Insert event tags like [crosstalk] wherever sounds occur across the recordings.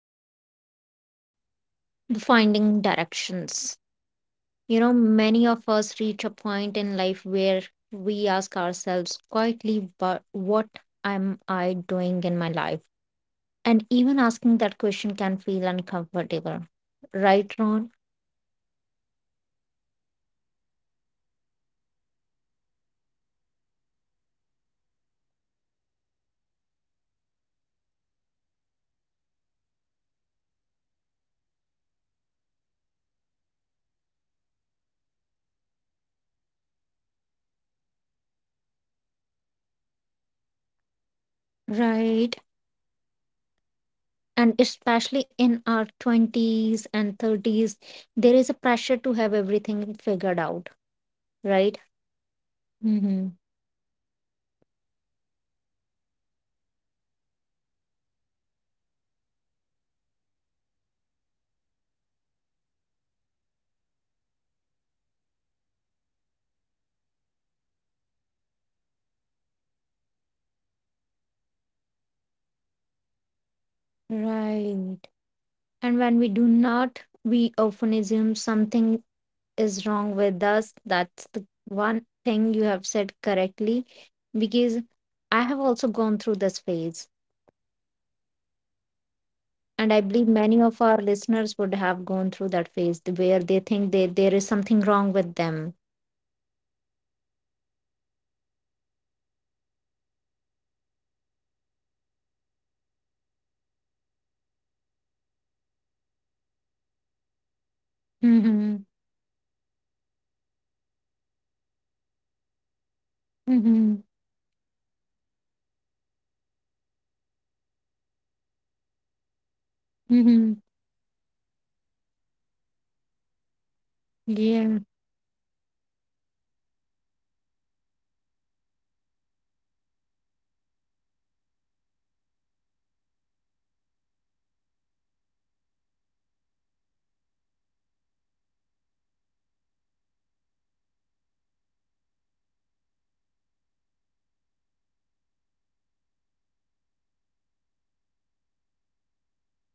about the finding directions. You know, many of us reach a point in life where we ask ourselves quietly, but what am I doing in my life? And even asking that question can feel uncomfortable. Right, Ron? Definitely, Simi, you are correct. And you know, this confusion is, I would say, not only limited to our career choices. You know, it can be about personal growth, relationships, or you know, simply the feeling that you know life is moving, but you know we are not connected fully to it. You know, sometimes you know, like we were talking about in the previous podcast, that we start feeling behind. Right. And especially in our 20s and 30s, there is a pressure to have everything figured out right? Definitely. You know, Hmm. that is a bad pressure to have from a society standpoint, or from you know our parents standpoint, you know they expect us to have everything planned, everything figured out in our late 20s or in our early 30s, but you know sometimes that's not how life works. You know, and we are, when we are not able to figure that out, you know we often assume that maybe something is wrong with us. Right. And when we do not, we often assume something is wrong with us. That's the one thing you have said correctly, because I have also gone through this phase. Right, And I I have believe gone many through of that our phase as well. listeners would have gone through that phase where they think that there is something wrong with them. Definitely, definitely. You know, if I could relate back to one of my experiences once again, you know, like we talked earlier, Simi, you know, that you know our parents expect us to have a fixed timeline to everything. You know, that in your Mm-hmm. 20s you're supposed to do this, or in your 30s you're supposed to do this. So as I told you, you know Mm-hmm. I'm 28 at the moment, and my cousin brother, who is very close to me, is almost like a friend of mine, is 29. Mm-hmm. And you know, he is getting married in the next few months. And now you Yeah. know, society has put a pressure on me, or my parents have put a pressure on me, that he's only 1 year elder to you. You know, he's 29, you're 28, and you know he is getting married in the next few months. So possibly you should also start looking for a life partner and you know think about settling down. But you know that's not how life works for me. It's of course going to take time. He might have found the right person at my age, but maybe for me it's going to take a few more years to find the right person.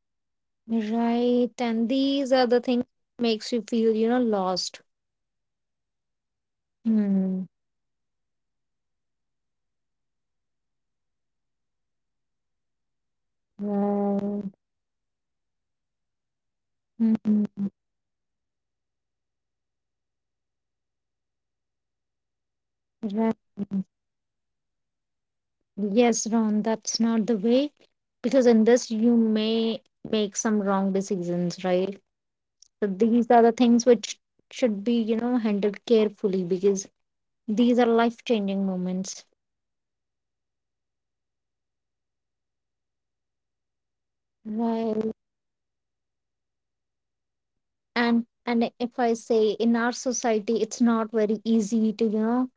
Right. And these are the things makes you feel, lost. Absolutely, it definitely makes me Mm. feel lost. And more importantly, it makes me feel worried, it gives me some mental trauma, and it you know makes me feel Right. anxious, it gives me a lot of anxiety. Because now Mm. you know I'm just looking for options and I'm trying to find out somebody just as soon as possible. But that's Ron, not the right way to find a partner. yes, Ron, that's not the way, because in this you may make some wrong decisions, right? So these Absolutely, are the things absolutely. which should be, you know, handled carefully because these are life-changing moments. Absolutely, you are going to be stuck to that one person for your entire life, and you Right. don't want that person to not be right for And if I say in our society, it's not very easy to, you know,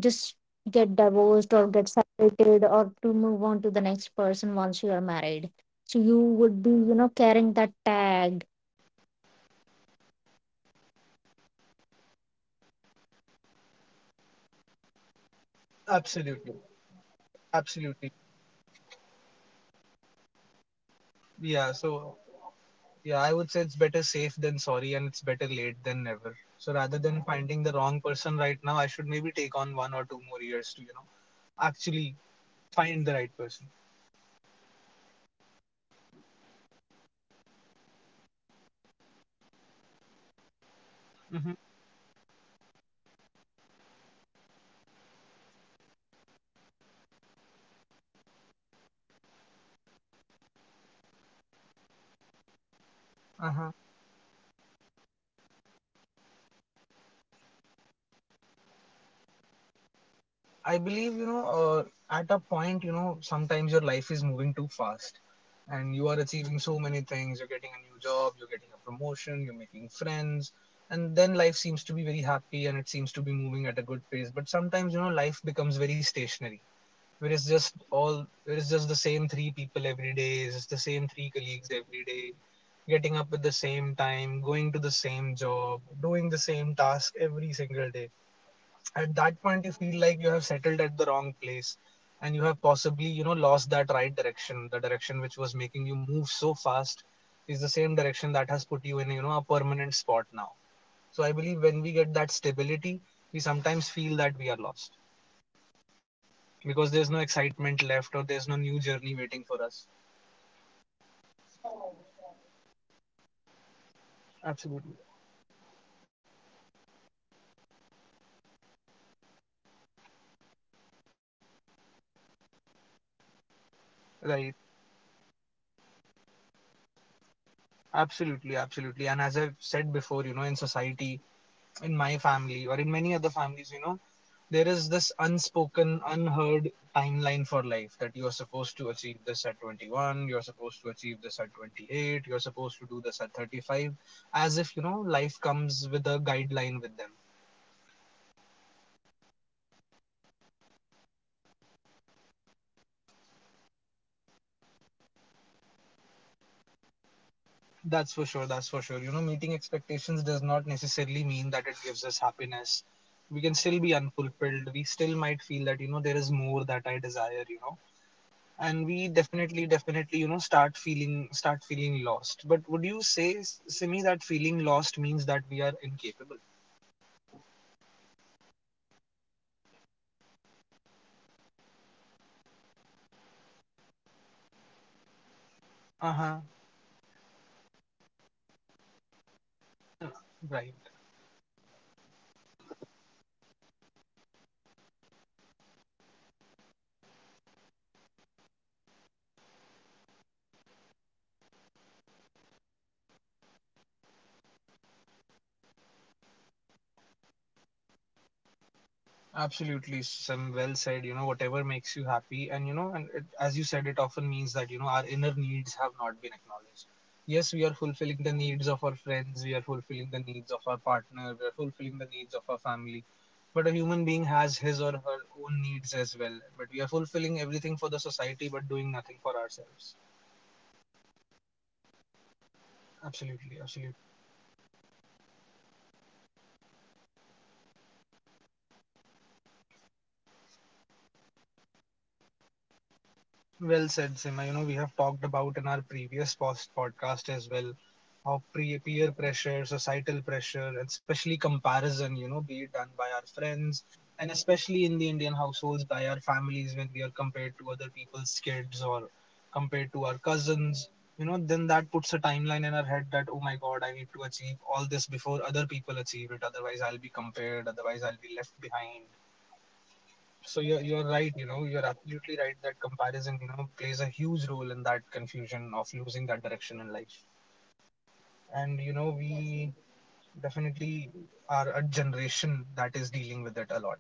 just you. get Yeah, divorced just or move get on to the separated next or to person then. move on to the next person once you are married. So you would be, you Absolutely, know, carrying that tag with you, that you were married once, and it would be harder for you to find the another person in, you know, to be within your absolutely, life. That's how absolutely. our society is working, you know, in this Yeah, era as so well. yeah, I would say it's better safe than sorry, and it's better late than never. So right rather right than right, finding the right. wrong person right now, I should maybe take on one or two more years to, you know, actually Yes. find the right person. Correct. So these are the few things, and what else do you think makes us Mm-hmm. feel we are lost? Because that's those are there are certain things which makes us feel, you know, we are losing directions, we are feeling we are lost in our way. So what do Uh-huh. you think, there are some, like, what things cause us to make we feel that way? I believe, you know, at a point, you know, sometimes your life is moving too fast and you Mm-hmm. are achieving so many things. You're getting a new job, you're getting a promotion, you're making friends, and then life seems to be very happy and it seems to be moving at a good pace. But sometimes, you know, life becomes very stationary, where it's just all, where it's just the same three people every day, it's the same Right. three colleagues every day, getting up at the same time, going to the Mm-hmm. same job, doing the same task every single day. At that Right. point you feel like you have settled at the wrong place, and you have possibly, you know, lost that right direction. The direction which was making you move so fast is the same direction that has put you in, you know, a permanent spot now. So I believe when we get that stability, we sometimes feel that we are lost, because there's no excitement left or there's no new journey waiting for us. Right, right, right. And Absolutely. when you say the life is moving very fast, as the education, work, responsibilities, expectations, there is a Right, little space to pause and reflect, you know. absolutely, absolutely. And as I've said before, you know, in society, in my family or in many other families, you know, there is this Mm. unspoken, unheard timeline for life, that you are supposed to achieve this at 21, you're supposed to achieve this at 28, you're supposed to do this at 35, as if you know life comes with a guideline with them. Yes. And when decisions are made quickly or for us, we may meet expectations but still feel unfulfilled, right? That's for sure. That's for sure. You know, meeting expectations does not necessarily mean that it gives us happiness. We can still Yeah. be unfulfilled. We still might feel that, you know, there is more that I desire, you know. And we Right. definitely, definitely, you know, start feeling lost. But would you say, Simi, that feeling lost means that we are incapable? It often means your inner needs have not been acknowledged, but it never may, you know, it should not Uh-huh. be that that incapability of a person, because it Right. will take a timeline that we should accomplish in some specific timeline, but we should break it. We think if in case you're feeling like you're ready for it, you should go for it. If in case you're not feeling ready for it, you should do whatever makes you happy, whatever you're enjoying in your life. Absolutely, Sam. Well said. You know, whatever makes you happy, and you know, and it, as you said, it often means that you know our inner needs have not been acknowledged. Yes, we are right fulfilling the needs of our friends. We are fulfilling the needs of our partner. We are fulfilling the needs of our family. But a human being has his or her own needs as well. But we are fulfilling everything for the society, but doing nothing for ourselves. right right right And Absolutely, absolutely. society, those comparisons and the pressure is the main, I think, root of, you know, feeling this lost directions. Well said, Sima. You know, we have talked about in our previous post podcast as well how Mm-hmm. Peer pressure, societal pressure, and especially comparison, you know, be it done by our friends, Yes. and especially in the Indian households by our families, when we are compared to other people's kids or compared to our Mm-hmm. cousins, you know, then that puts a timeline in our head that, oh my God, I need to achieve all this before other people achieve it. Otherwise, I'll be compared. Otherwise, I'll be left behind. right So you're right you're right. right You know, you're absolutely right that comparison, you know, plays a huge role in that confusion of losing that direction in life. And Yes, you know, because we mm-hmm. definitely are a generation that is dealing with it a lot.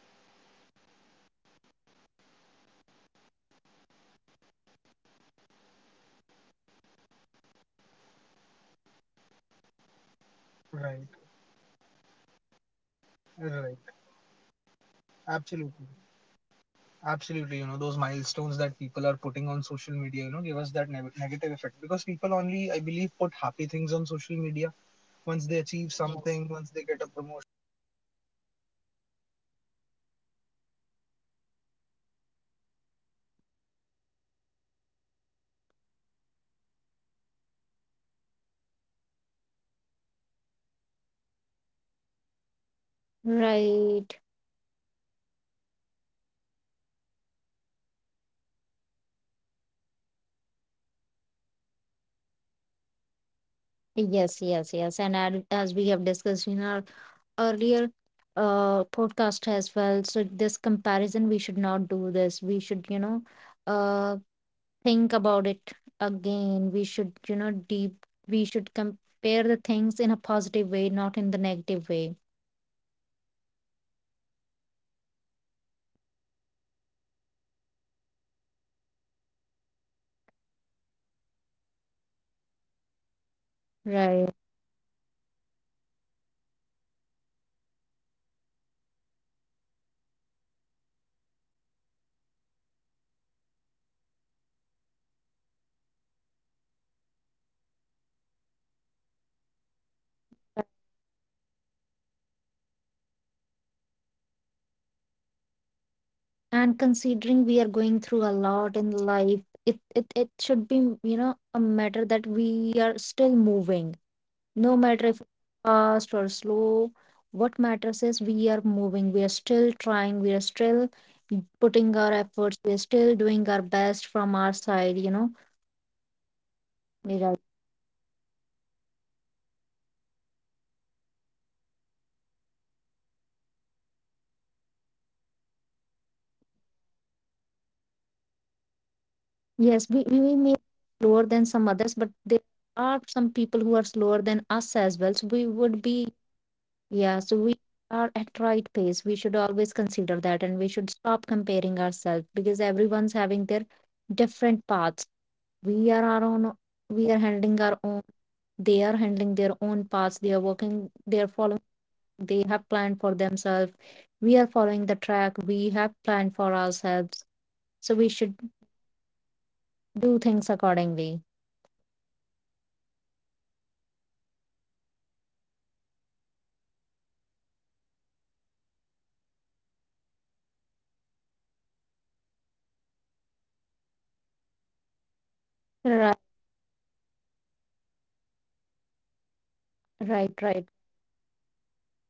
Right, because we are constantly seeing others achieving milestones, their new jobs, marriages, homes, and international moves, you know, on the social Right. media every day. So we start Right. comparing our lives with Absolutely. them. Absolutely, you know, those milestones that people are putting on social media, you know, give us that negative effect, because people only, I believe, put happy things on social media once they Yes, achieve yes, something, yes. once they get a promotion, once they get married. And we feel like, wow, everybody in this world, you know, everything good is happening to them, but nothing good is happening to me. But all the bad things that are happening to those people, you know, they would never post that on social media. So we only see the good part of that social life. Right. Absolutely. And you know, I believe, and then we start to question our own self, we start to doubt our own self, we start questioning our own progress. Yes, yes, yes. And as we have discussed in our earlier podcast as well, so this comparison, we should not do this. We should, you know, uh, think about it again. We should, you know, deep, we should compare the things in a positive way, not in the negative way. Absolutely, absolutely. You know, and I believe direction means if you're taking the right step. A direction could be left, right, forward, backward. You know, it's not Right. necessarily that you only have to move forward in life, that is the right direction. Sometimes you have to take a few steps back as well. And people confuse walking slow as wrong direction and moving fast as the right direction. But I believe, you know, direction is not about moving fast, it is about moving the right way and, you know, moving in a way that feels right to your heart, which feels right to you. And considering we are going through a lot in life, it should be, you know, a matter that we are still moving, no matter if Right. it's fast or slow. What matters is we are moving, we are still trying, we are still putting our efforts, we are still doing our best from our side, you know. Right. You're correct. You know the as you said, Simi perfectly summed up, that what matters is that we are still moving. We have not given up. We have not stopped. We have not lost hope. We are moving slow than others for sure, but at least we are moving. Yes, we may be slower than some others, but there are some people who are slower than us as well. So we would Us be, as yeah, so we are at right pace. We should always consider that and we should stop comparing ourselves, because everyone's having their different paths. We are our own, we are handling our own, they are handling their own paths. They are working, they are following, they have planned for themselves. We are following the track we have planned for ourselves. So we well. should Right. Right. do things accordingly. That's absolutely correct. You know, and you know as we said before, everyone's path looks different. My path cannot be the same as yours, yours cannot be the same as mine. You might be somewhere else in life, but because that is the right place for you, that does not mean I should take that same path and follow you blindly back there. Right, So right. everybody's path looks different.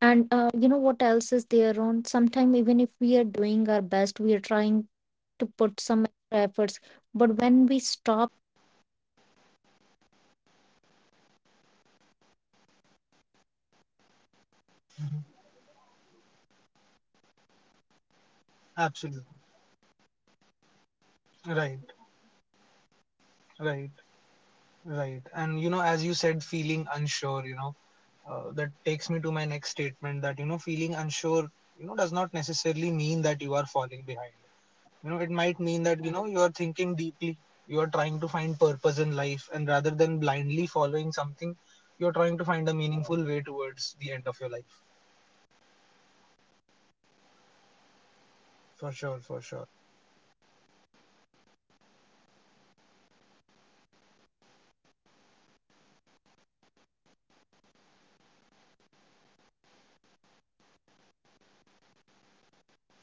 And you know what else is there on? Sometimes even if we are doing our best, we are trying to put some extra efforts, but when we stop, you know, getting those results which were expected or for which we were hoping for, we fe we start Mhm. feeling unsure about what we are doing, right? So we start doubting Absolutely. ourselves again, feeling unsure, Right you know? right right and you know as you said feeling unsure you know that takes me to my next statement, that you know feeling unsure, you know, does not necessarily mean that you are falling behind. You know, it Right, might mean that you know you are thinking deeply, you are trying to find purpose in life, and rather than blindly following something, you're trying right, to find a meaningful way towards the end of your life. right. For So, sure, what for do you sure. think? How should we start finding a direction after, you know, going through all these things and struggling all with all of this? How one can find a direction? What do you think, Rohan?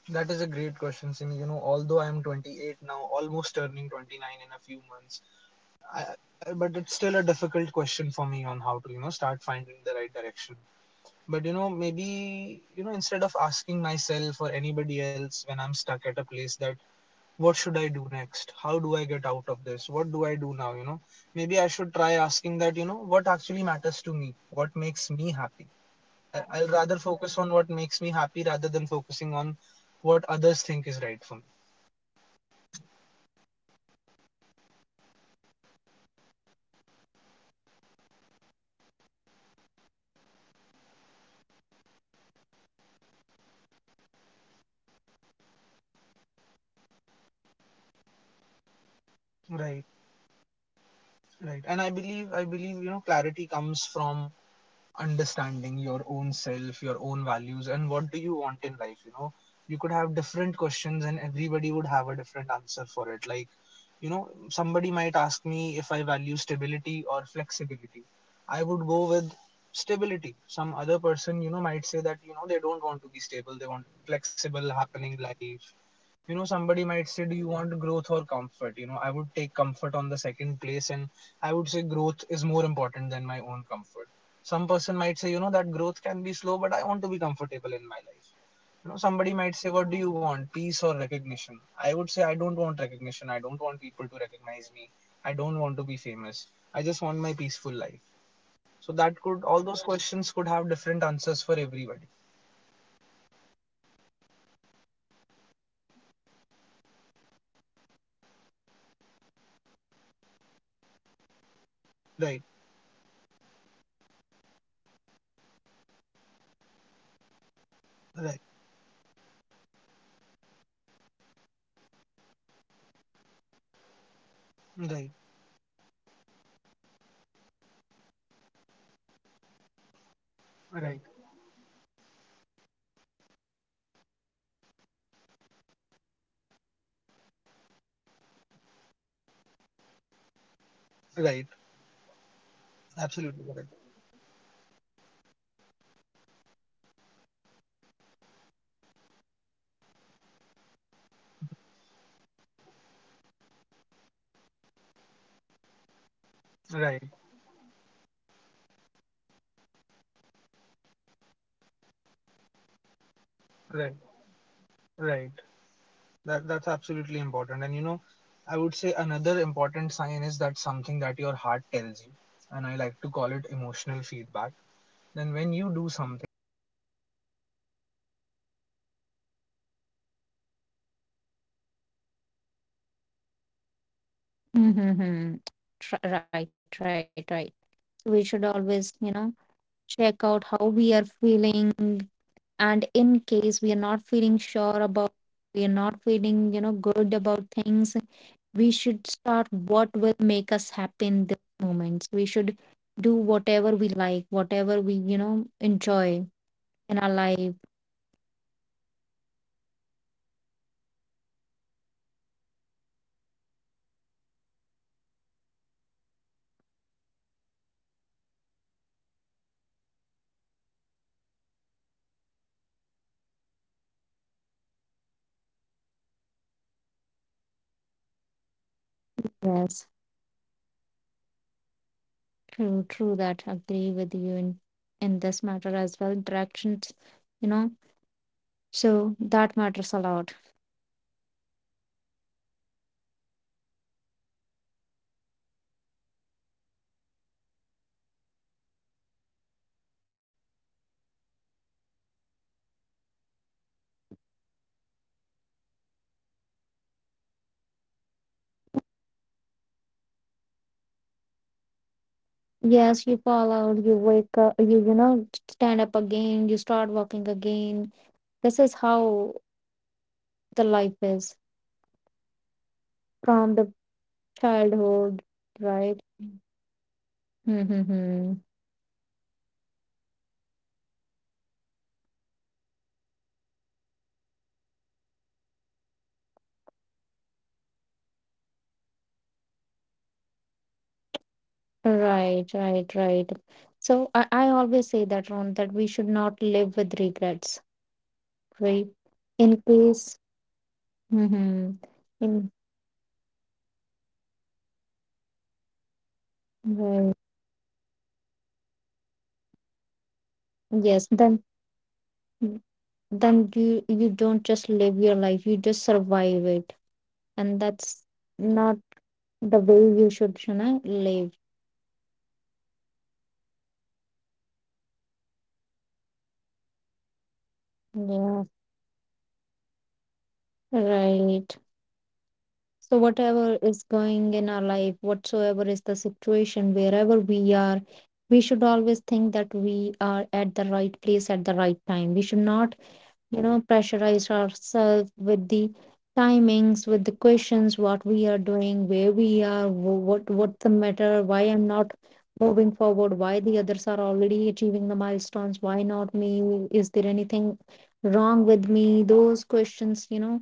That is a great question, Simi. You know, although I am 28 now, almost turning 29 in a few months. Hmm. But it's still a difficult question for me on how to, you know, start finding the right direction. But you know, maybe, you know, instead of asking myself or anybody else when I'm stuck at a place that, what should I do next? How do I get out of this? What do I do now? You know, maybe I should try asking that, you know, what actually matters to me? What makes me happy? Right, right. Will rather focus on what makes me happy rather than focusing on what others think is right for me. Right. Wow, Ron, that's well said. That changes everything in your life. You know, when you start asking what matters for me, everything suddenly gets changed, and the perspective of your towards the life or towards the goals you are having, you know, it changed Right, everything. right. And I believe, you know, clarity comes from understanding your own self, your own values, and what do you want in life. You know, you could have different questions, and everybody would have a different answer for it. Like, you know, somebody might ask me if I value stability or flexibility. I would go with stability. Some other person, you know, might say that, you know, they don't want to be Like stable, they want uh, flexible, happening life. You know, somebody right might say, do you want growth or comfort? You know, I would take comfort on the second place, and I would say growth is more important than my own comfort. Some person might say, you know, that growth can be slow but I want to be comfortable in my life. You know, somebody right might say, what do you want, peace or recognition? I would say I don't want recognition, I don't want people to recognize me, I don't want to be famous, I just want my peaceful life. So that right could all those questions could have different answers for everybody. right so the, the life they are living, the way things are happening in their life, they choose these, you know, options accordingly. In case Right, somebody already having a little stability, they'll obviously go for some flexibility in their life, right? Because right, as a human we have tendency to get bored from, you know, one thing easily. In case right, somebody have already achieved one growth, the set target for in their life, they start right. feeling, oh, I don't want to do struggle, I don't want to do any further toil. I want to, you know, now live a comfortable life. Right. So yes, choices Absolutely correct. get, you know, change according to the life you are living, the way you are feeling in your life right now, or, you know, accordingly, people choose options would be stay the same. And it's fine Right, in choosing stability. That is also okay. In case you're looking for a flexibility in your life, that is also right, fine. right. That's absolutely important. And you know, I would say another important sign is that something that your heart tells you. And I like to call it emotional feedback. Then when Yeah. you do something, when you do something, what does your heart tell you? What do your emotions tell you? Do your emotions make you happy at that point or sad at that point, right? Mm-hmm. Right, right, right. So we should always, you know, Absolutely. check out how we are feeling, and in case we are not feeling sure about, we are not feeling, you know, good about things, we should start what will make us happy in those moments. We should do whatever we like, whatever we, you know, enjoy in our life. Right, right. You know, there could be something that you're doing from ages now. You know you're earning well, you're doing that one thing over and over again, or you're spending efforts on that one thing. But at the end of the day, you know, if it is constantly draining you, and not giving you any happiness, so maybe that is, you know, a message that maybe that's not the right direction for you, and that is important, Yes, important information. true, true, that agree with you in this matter as well, interactions, you know, so that matters a lot. For sure, for sure. You know, as you said, you know, it matters a lot, but yes, I would say, you know, direction does not come to us overnight. We can't expect to just wake up one day, you know, look at something and be like, yes, this is my direction in life, this is what I'm going to do. It's going to take you some time to figure all that out, you know. Yes, you It's fall out, definitely you going to wake take a up, lot of you time. you know, stand up again, you start walking again. This is how the life is, Right, absolutely. You know, from the as you said, can't just childhood, magically wake up and be right? like, this is what I want. Mm-hmm. Because that, as you said, Simi, before, that might be the wrong decision for you, that might be the wrong job for you, that might be the wrong person for you, and then you're going to blame yourself all your life that why did I take this direction. Right, right, right. So I always say that, Ron, that we should not live with regrets, right? In That's a case, very good line. mm-hmm. That's a very In good line, you know. Living with regrets can, you know, emotionally bother you so much. And then you right. just stop enjoying life altogether and we only get one life. Who Yes, knows what's gonna happen after this? then you don't just live your life, you just survive it, and that's Right, you're not just the surviving way it, you right? should, you know, live. Right, you know, because you're just passing each day, okay, one more day, okay, one more day, okay, one more day. And that is Yeah, just not a good way to lead your life. right. So, whatever Absolutely. is going in our life, whatsoever is the situation, wherever we are, we should always think that we are at the right place at the right time. We should not, you know, pressurize ourselves with the timings, with the questions, what we are doing, where we are, what what's the matter, why I'm not moving forward, why the others are already achieving the milestones, why not me? Is there anything wrong with me? Those questions, you know,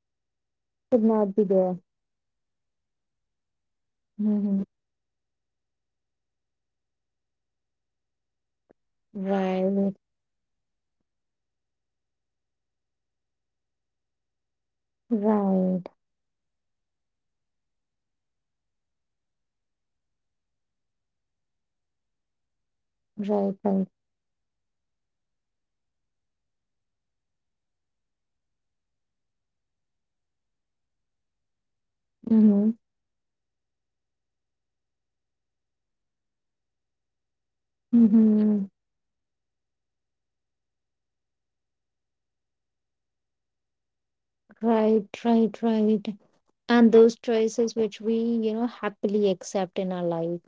Right. And should definitely not this be there. question, which is the last question you said, was, is there Mhm. anything wrong with me? I believe that is the worst question somebody can ask themselves. We should never Right, think that something is wrong with us. It's just that life is taking us on its own route, you know, on its own pace. right, And I believe, you know, all this direction, as you said and as I said, does not come overnight, does right, not come right. in one day. I believe it, you know, appears through learning, through small adjustments, through small choices. You know, you know I might Mm-hmm, adjust my sleeping schedule a little, I might adjust my friend circle a little, I might not be learning mm-hmm. something new, I might start learning something new. You know, it all comes from that, through the small choices we make. Right, right, right. And those choices which we, you know, happily accept in our life,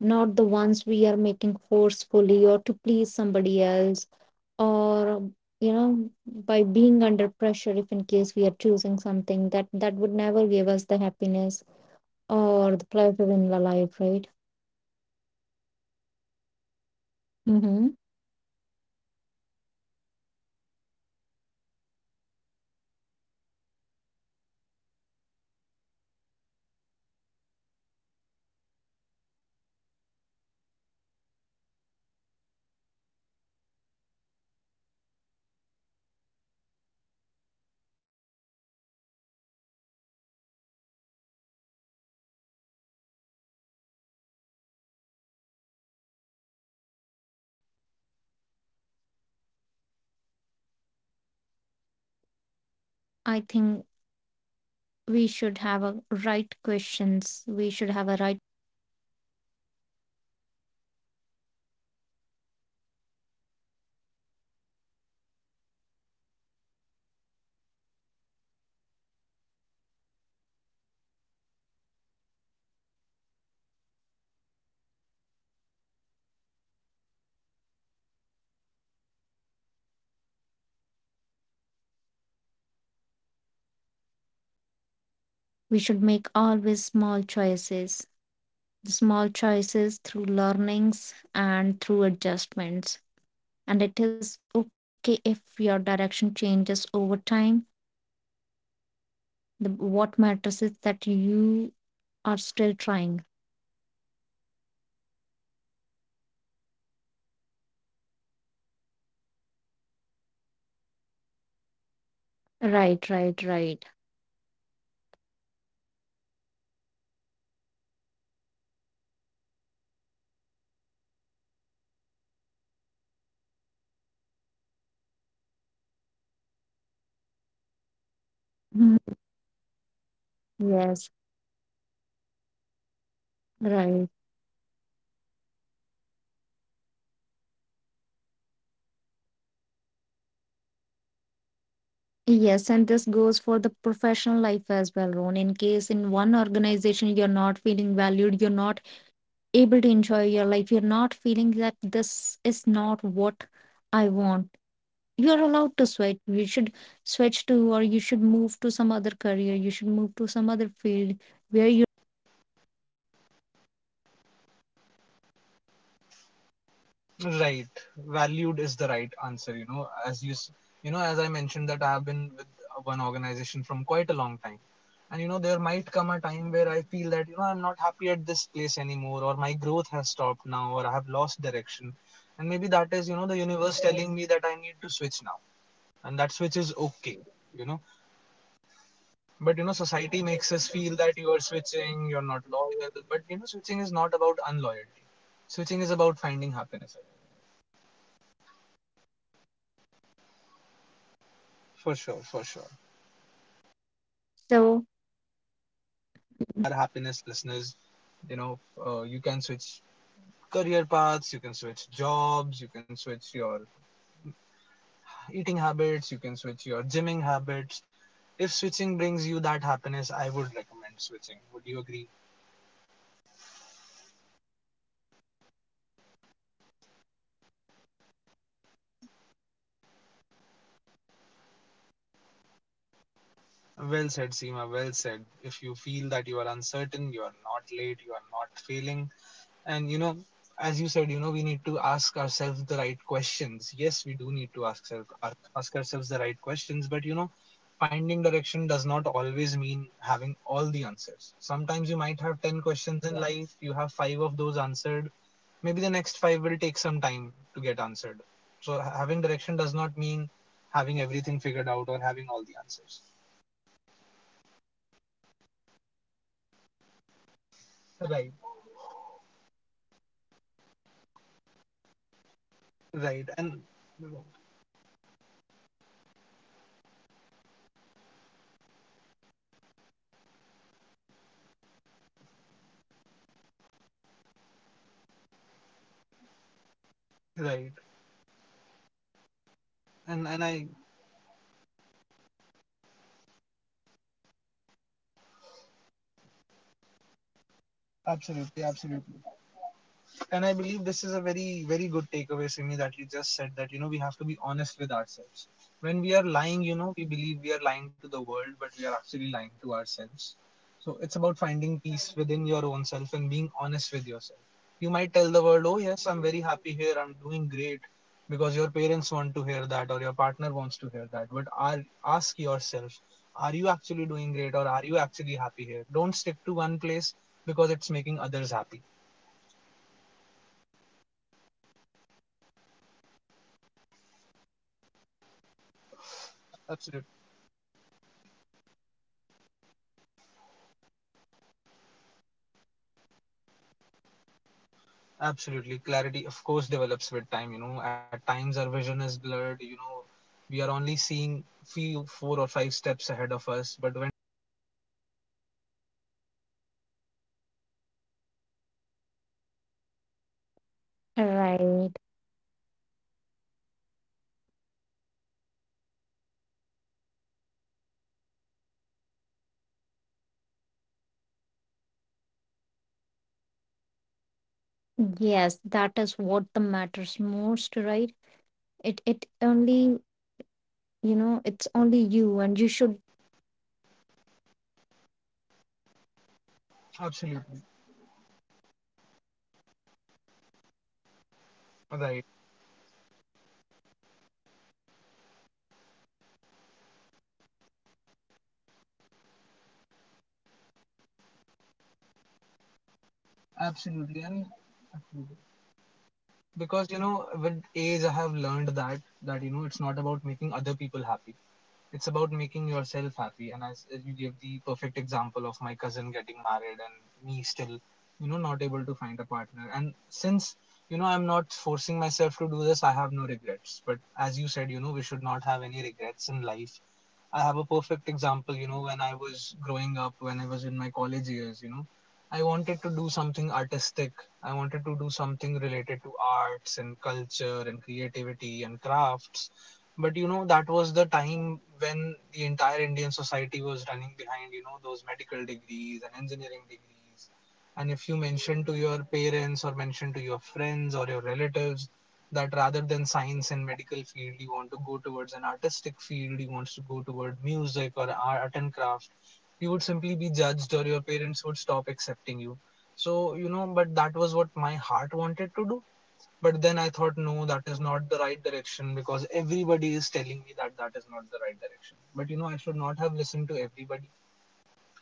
not the ones we are making forcefully or to please somebody else, or, you know, by being under pressure. If in case we are choosing something that that would never give us the happiness or the Right, pleasure in the life, right? right. And Simi, one question for you. uh, Mm-hmm. let's say, you know, we find a direction in life and we are heading towards it, but as we said, you know, we have to look for our hearts. Yes, Roon. So I think we should have a right questions, we should have a right set of questions to ask ourselves, instead of asking what do I want in my life, where I am, why I am lost, what direction I should follow, what I should not follow. We should ask what actually I want, what actually I'll enjoy, if in case I choose this, right? We should make always small choices, the small choices through learnings and through adjustments. And it is okay if your direction changes over time. The, what matters is that you are still trying. Right, right. I believe you have answered my question that it is okay to, you know, change your direction over time, am I correct? Right, right, right. Absolutely, absolutely. [clears throat] And you know, as you said you know it's okay to change the direction over time so you know that would make me say that would make me say that, you know, we are allowed to evolve. We are human Mhm. beings. You know, I might think that this Yes, direction was right for me 3 years ago, but after right. 3 after 3 years maybe that is not the right choice for me anymore, and I want to evolve, and I want to have a different future than what I was heading towards. Yes, and this goes for the professional life as well, Ron. In case in one organization you're not feeling valued, you're not able to enjoy your life, you're not feeling that this is not what I want, you are allowed to Right. sweat, you should switch to or you should move to some other career, you should move to some other field where you are feeling valued and where you are feeling fulfilled. Right. Valued is the right answer, you know, as you, you know, Mm-hmm. as I mentioned that I have been with one organization from quite a long time. And, you know, there might Mm-hmm. come a time where I feel that, you know, I'm not happy at this place anymore, or my growth has stopped now, or I have lost direction. And maybe that is, you know, Yes, the universe telling me that I need to switch now. And that switch yes, is okay, you know. yeah, But, you know, changes are society must makes in us our feel life. that you are switching, you're Mm-hmm. not loyal. But, you know, switching is not about unloyalty. Switching is about finding happiness. Right, right, right. For sure, for sure. You know, So let's focus on our mhm, happiness, listeners. You know, you can switch career paths, you can switch jobs, you can switch your eating habits, you can switch your gymming habits. If switching brings you that happiness, I would recommend switching. Would you agree? agree with you, Ron. And if you are listening and feeling uncertain, remember this, you are not late, you are not failing at all. Well said, Seema, well said. If you feel that you are uncertain, you are not late, you are not failing. And you know, as you said, you know, we need to ask ourselves the right questions. Yes, we do need to ask Yes, self, ask ourselves the right questions, but you know, finding direction does not always mean having all the answers. Sometimes you might have yes, 10 questions in life, you have 5 of those answered. Maybe the next 5 will take some time to get answered. So having direction does not mean having everything figured out or having all the answers. right. And it means being honest with yourself, and always be Right, honest with yourself and be little patient with you, right? And right. And according to the situation, according to the timing, you will obviously get everything you want in your life, but it may take a little while for you. For others, it may happen, you know, overnight. So that's right. how the life is. We should not, you know, And I pressurize ourselves with or burden ourselves with the a bundle of questions or with the self absolutely, doubts. absolutely. And I believe this is a very, very good takeaway, Simi, that you just said that, you know, we have to be honest with ourselves. When we Mm. are lying, you know, we believe we are lying to the world, but we are actually lying to ourselves. So it's about Right, finding peace within your own self and being honest with yourself. You might tell the right, world, oh, right. yes, I'm very happy here, I'm doing great, because your parents want to hear that or your partner wants to hear that. But are, ask yourself, are you actually doing Mm-hmm. great or are you actually happy here? Don't stick to one place because it's making others happy. Right, Ron. Asking a meaningful questions is what we should do, right? We should take pauses Absolutely. whenever necessary. We should trust the process and trust that clarity dwells with time. Absolutely. Clarity, of course, develops with time. You know, at times our vision is blurred. You know, we are only seeing few, four or five steps ahead of us. But when time passes, we realize what was actually behind the curtain. So it takes time to see the bigger picture, that's for sure. And, you Right. know, I would say that life does not, you know, make sense to everybody. It takes time, and it does not have to make sense to all your friends or all your family members or your partner. You know, it has to feel right to you. Yes, that is what the matters most, right? It Absolutely. only, you know, it's only you, and you should the one who should be feeling right, not the other, as you have Absolutely. mentioned that people are pressurizing you to get married, right? But Right. if in case you are not feeling right at time that this is not the ti right time for you to get married, you should take pause, you should, you know, stay the way you wanted to stay. Whenever you feel Absolutely, ready, and you can go for absolutely. it. Hmm. Because, with age, I have learned that it's not about making other people happy. It's about making yourself happy. And as you gave the perfect example of my cousin getting married and me still, not able to find a partner. And since, I'm not forcing myself to do this, I have no regrets. But as you said, we should not have any regrets in life. I have a perfect Right. example, when I was growing up, when I was in my college years, I wanted to do something artistic. I wanted to do something related to arts and culture and creativity and crafts. But that Mm. was the time when the entire Indian society was running behind, those medical degrees and engineering degrees. And if you Yeah. mention to your parents or mention to your friends or your relatives that rather than science and medical field, you want to go towards an artistic field, you want to go toward music or art and craft, you would simply be Right. judged or your parents would stop accepting you. So, but that was what my heart wanted to do, but then I thought, Yes. no, that is not the right direction because everybody is telling me that that is not the right direction. But I should not have listened to everybody.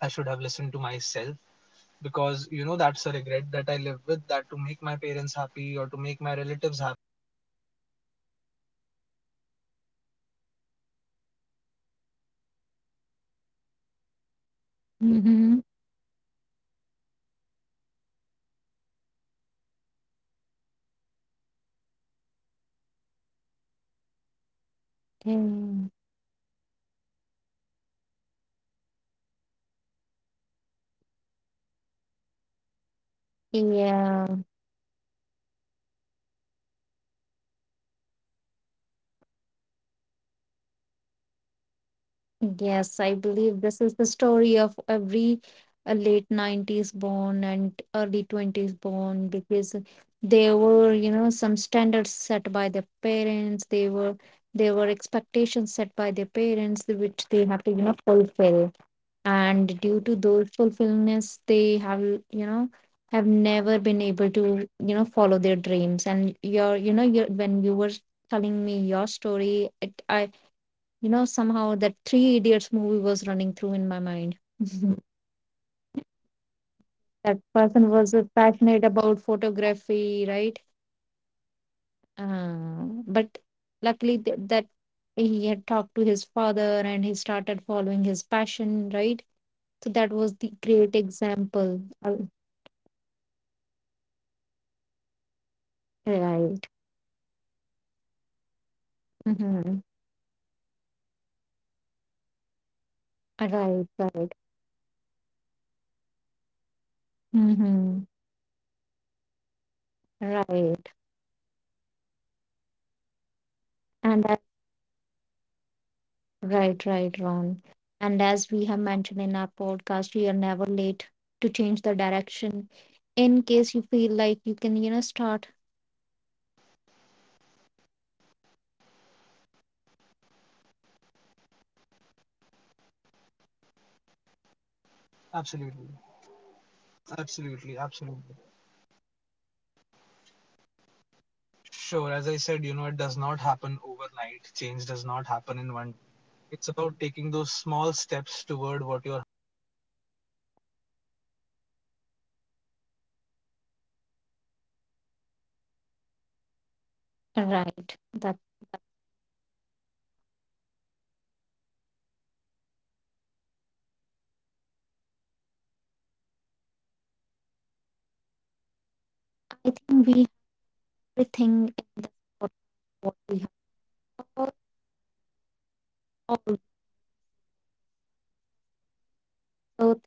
I should have listened to myself because that's a regret that I live with, that to make my parents happy or to make my relatives happy, I entered a degree or entered a field that was not of my liking. I wanted to be a musician, I wanted to, you know, be an Mm-hmm. arts and crafts kind of a guy, somebody who could go around the world, visit art museums, visit art galleries, be a part of expos and all that. But, I was Yes. stuck with the part of making everybody else happy, and then, I had to get stuck with the corporate sector now. So that is a point Yeah, in time where I believe I lost some direction because I wanted to make others happy. That is for sure. yes, I But believe yeah, this is the story of every late 90s born and early 20s true, born, because true, there were, true. you know, some standards set by their parents. They were, there were expectations set by their parents which they have to, you know, fulfill. And due to Right, those fulfillments, they have, you know, have never been able right. to, you know, follow their dreams. And your, you know, your, when you were telling me your story, it, I, you know, somehow that Three Idiots movie was running through in my mind. [laughs] [laughs] Right, right, right. And this That is to person all the was listeners. passionate about photography, right? Right, uh, but right, luckily, that he had talked to his father and he started following his passion, right? So that was the right. And great that is example. a good takeaway. That is a good takeaway, that you still have time. You can still right. stop in the middle of what you're doing and find a different Mm-hmm. direction, but you have to be brave enough to accept it, and not brave enough Right, to be right. accepted only in front of your parents or your family. You have to be brave enough to Mm-hmm. accept it to your own self, that no, this Right. is what I want or this is what I don't want, because And it's first about self acceptance. right, right, Ron. And as we have mentioned in our podcast, you are never late to change the direction. In case you feel like you can, you know, start enjoying your art thing in your freelancing, you can do, you can compose some music, or you can, you know, do what you like, Absolutely, right? But because absolutely, a little absolutely. step would will help you to move forward. Sure, as I said, it does not happen overnight. Change does not happen Right, in one. right, It's about taking those small steps toward what your heart really desires, and those small steps at a later date will become a bigger picture, and it would be better to not live with any regrets. right. That That is for sure. And that is, I believe, pretty much it for my time and my thoughts. Anything else that you want to say before we conclude? I think we have everything in this, what what we have, all. All. Right. So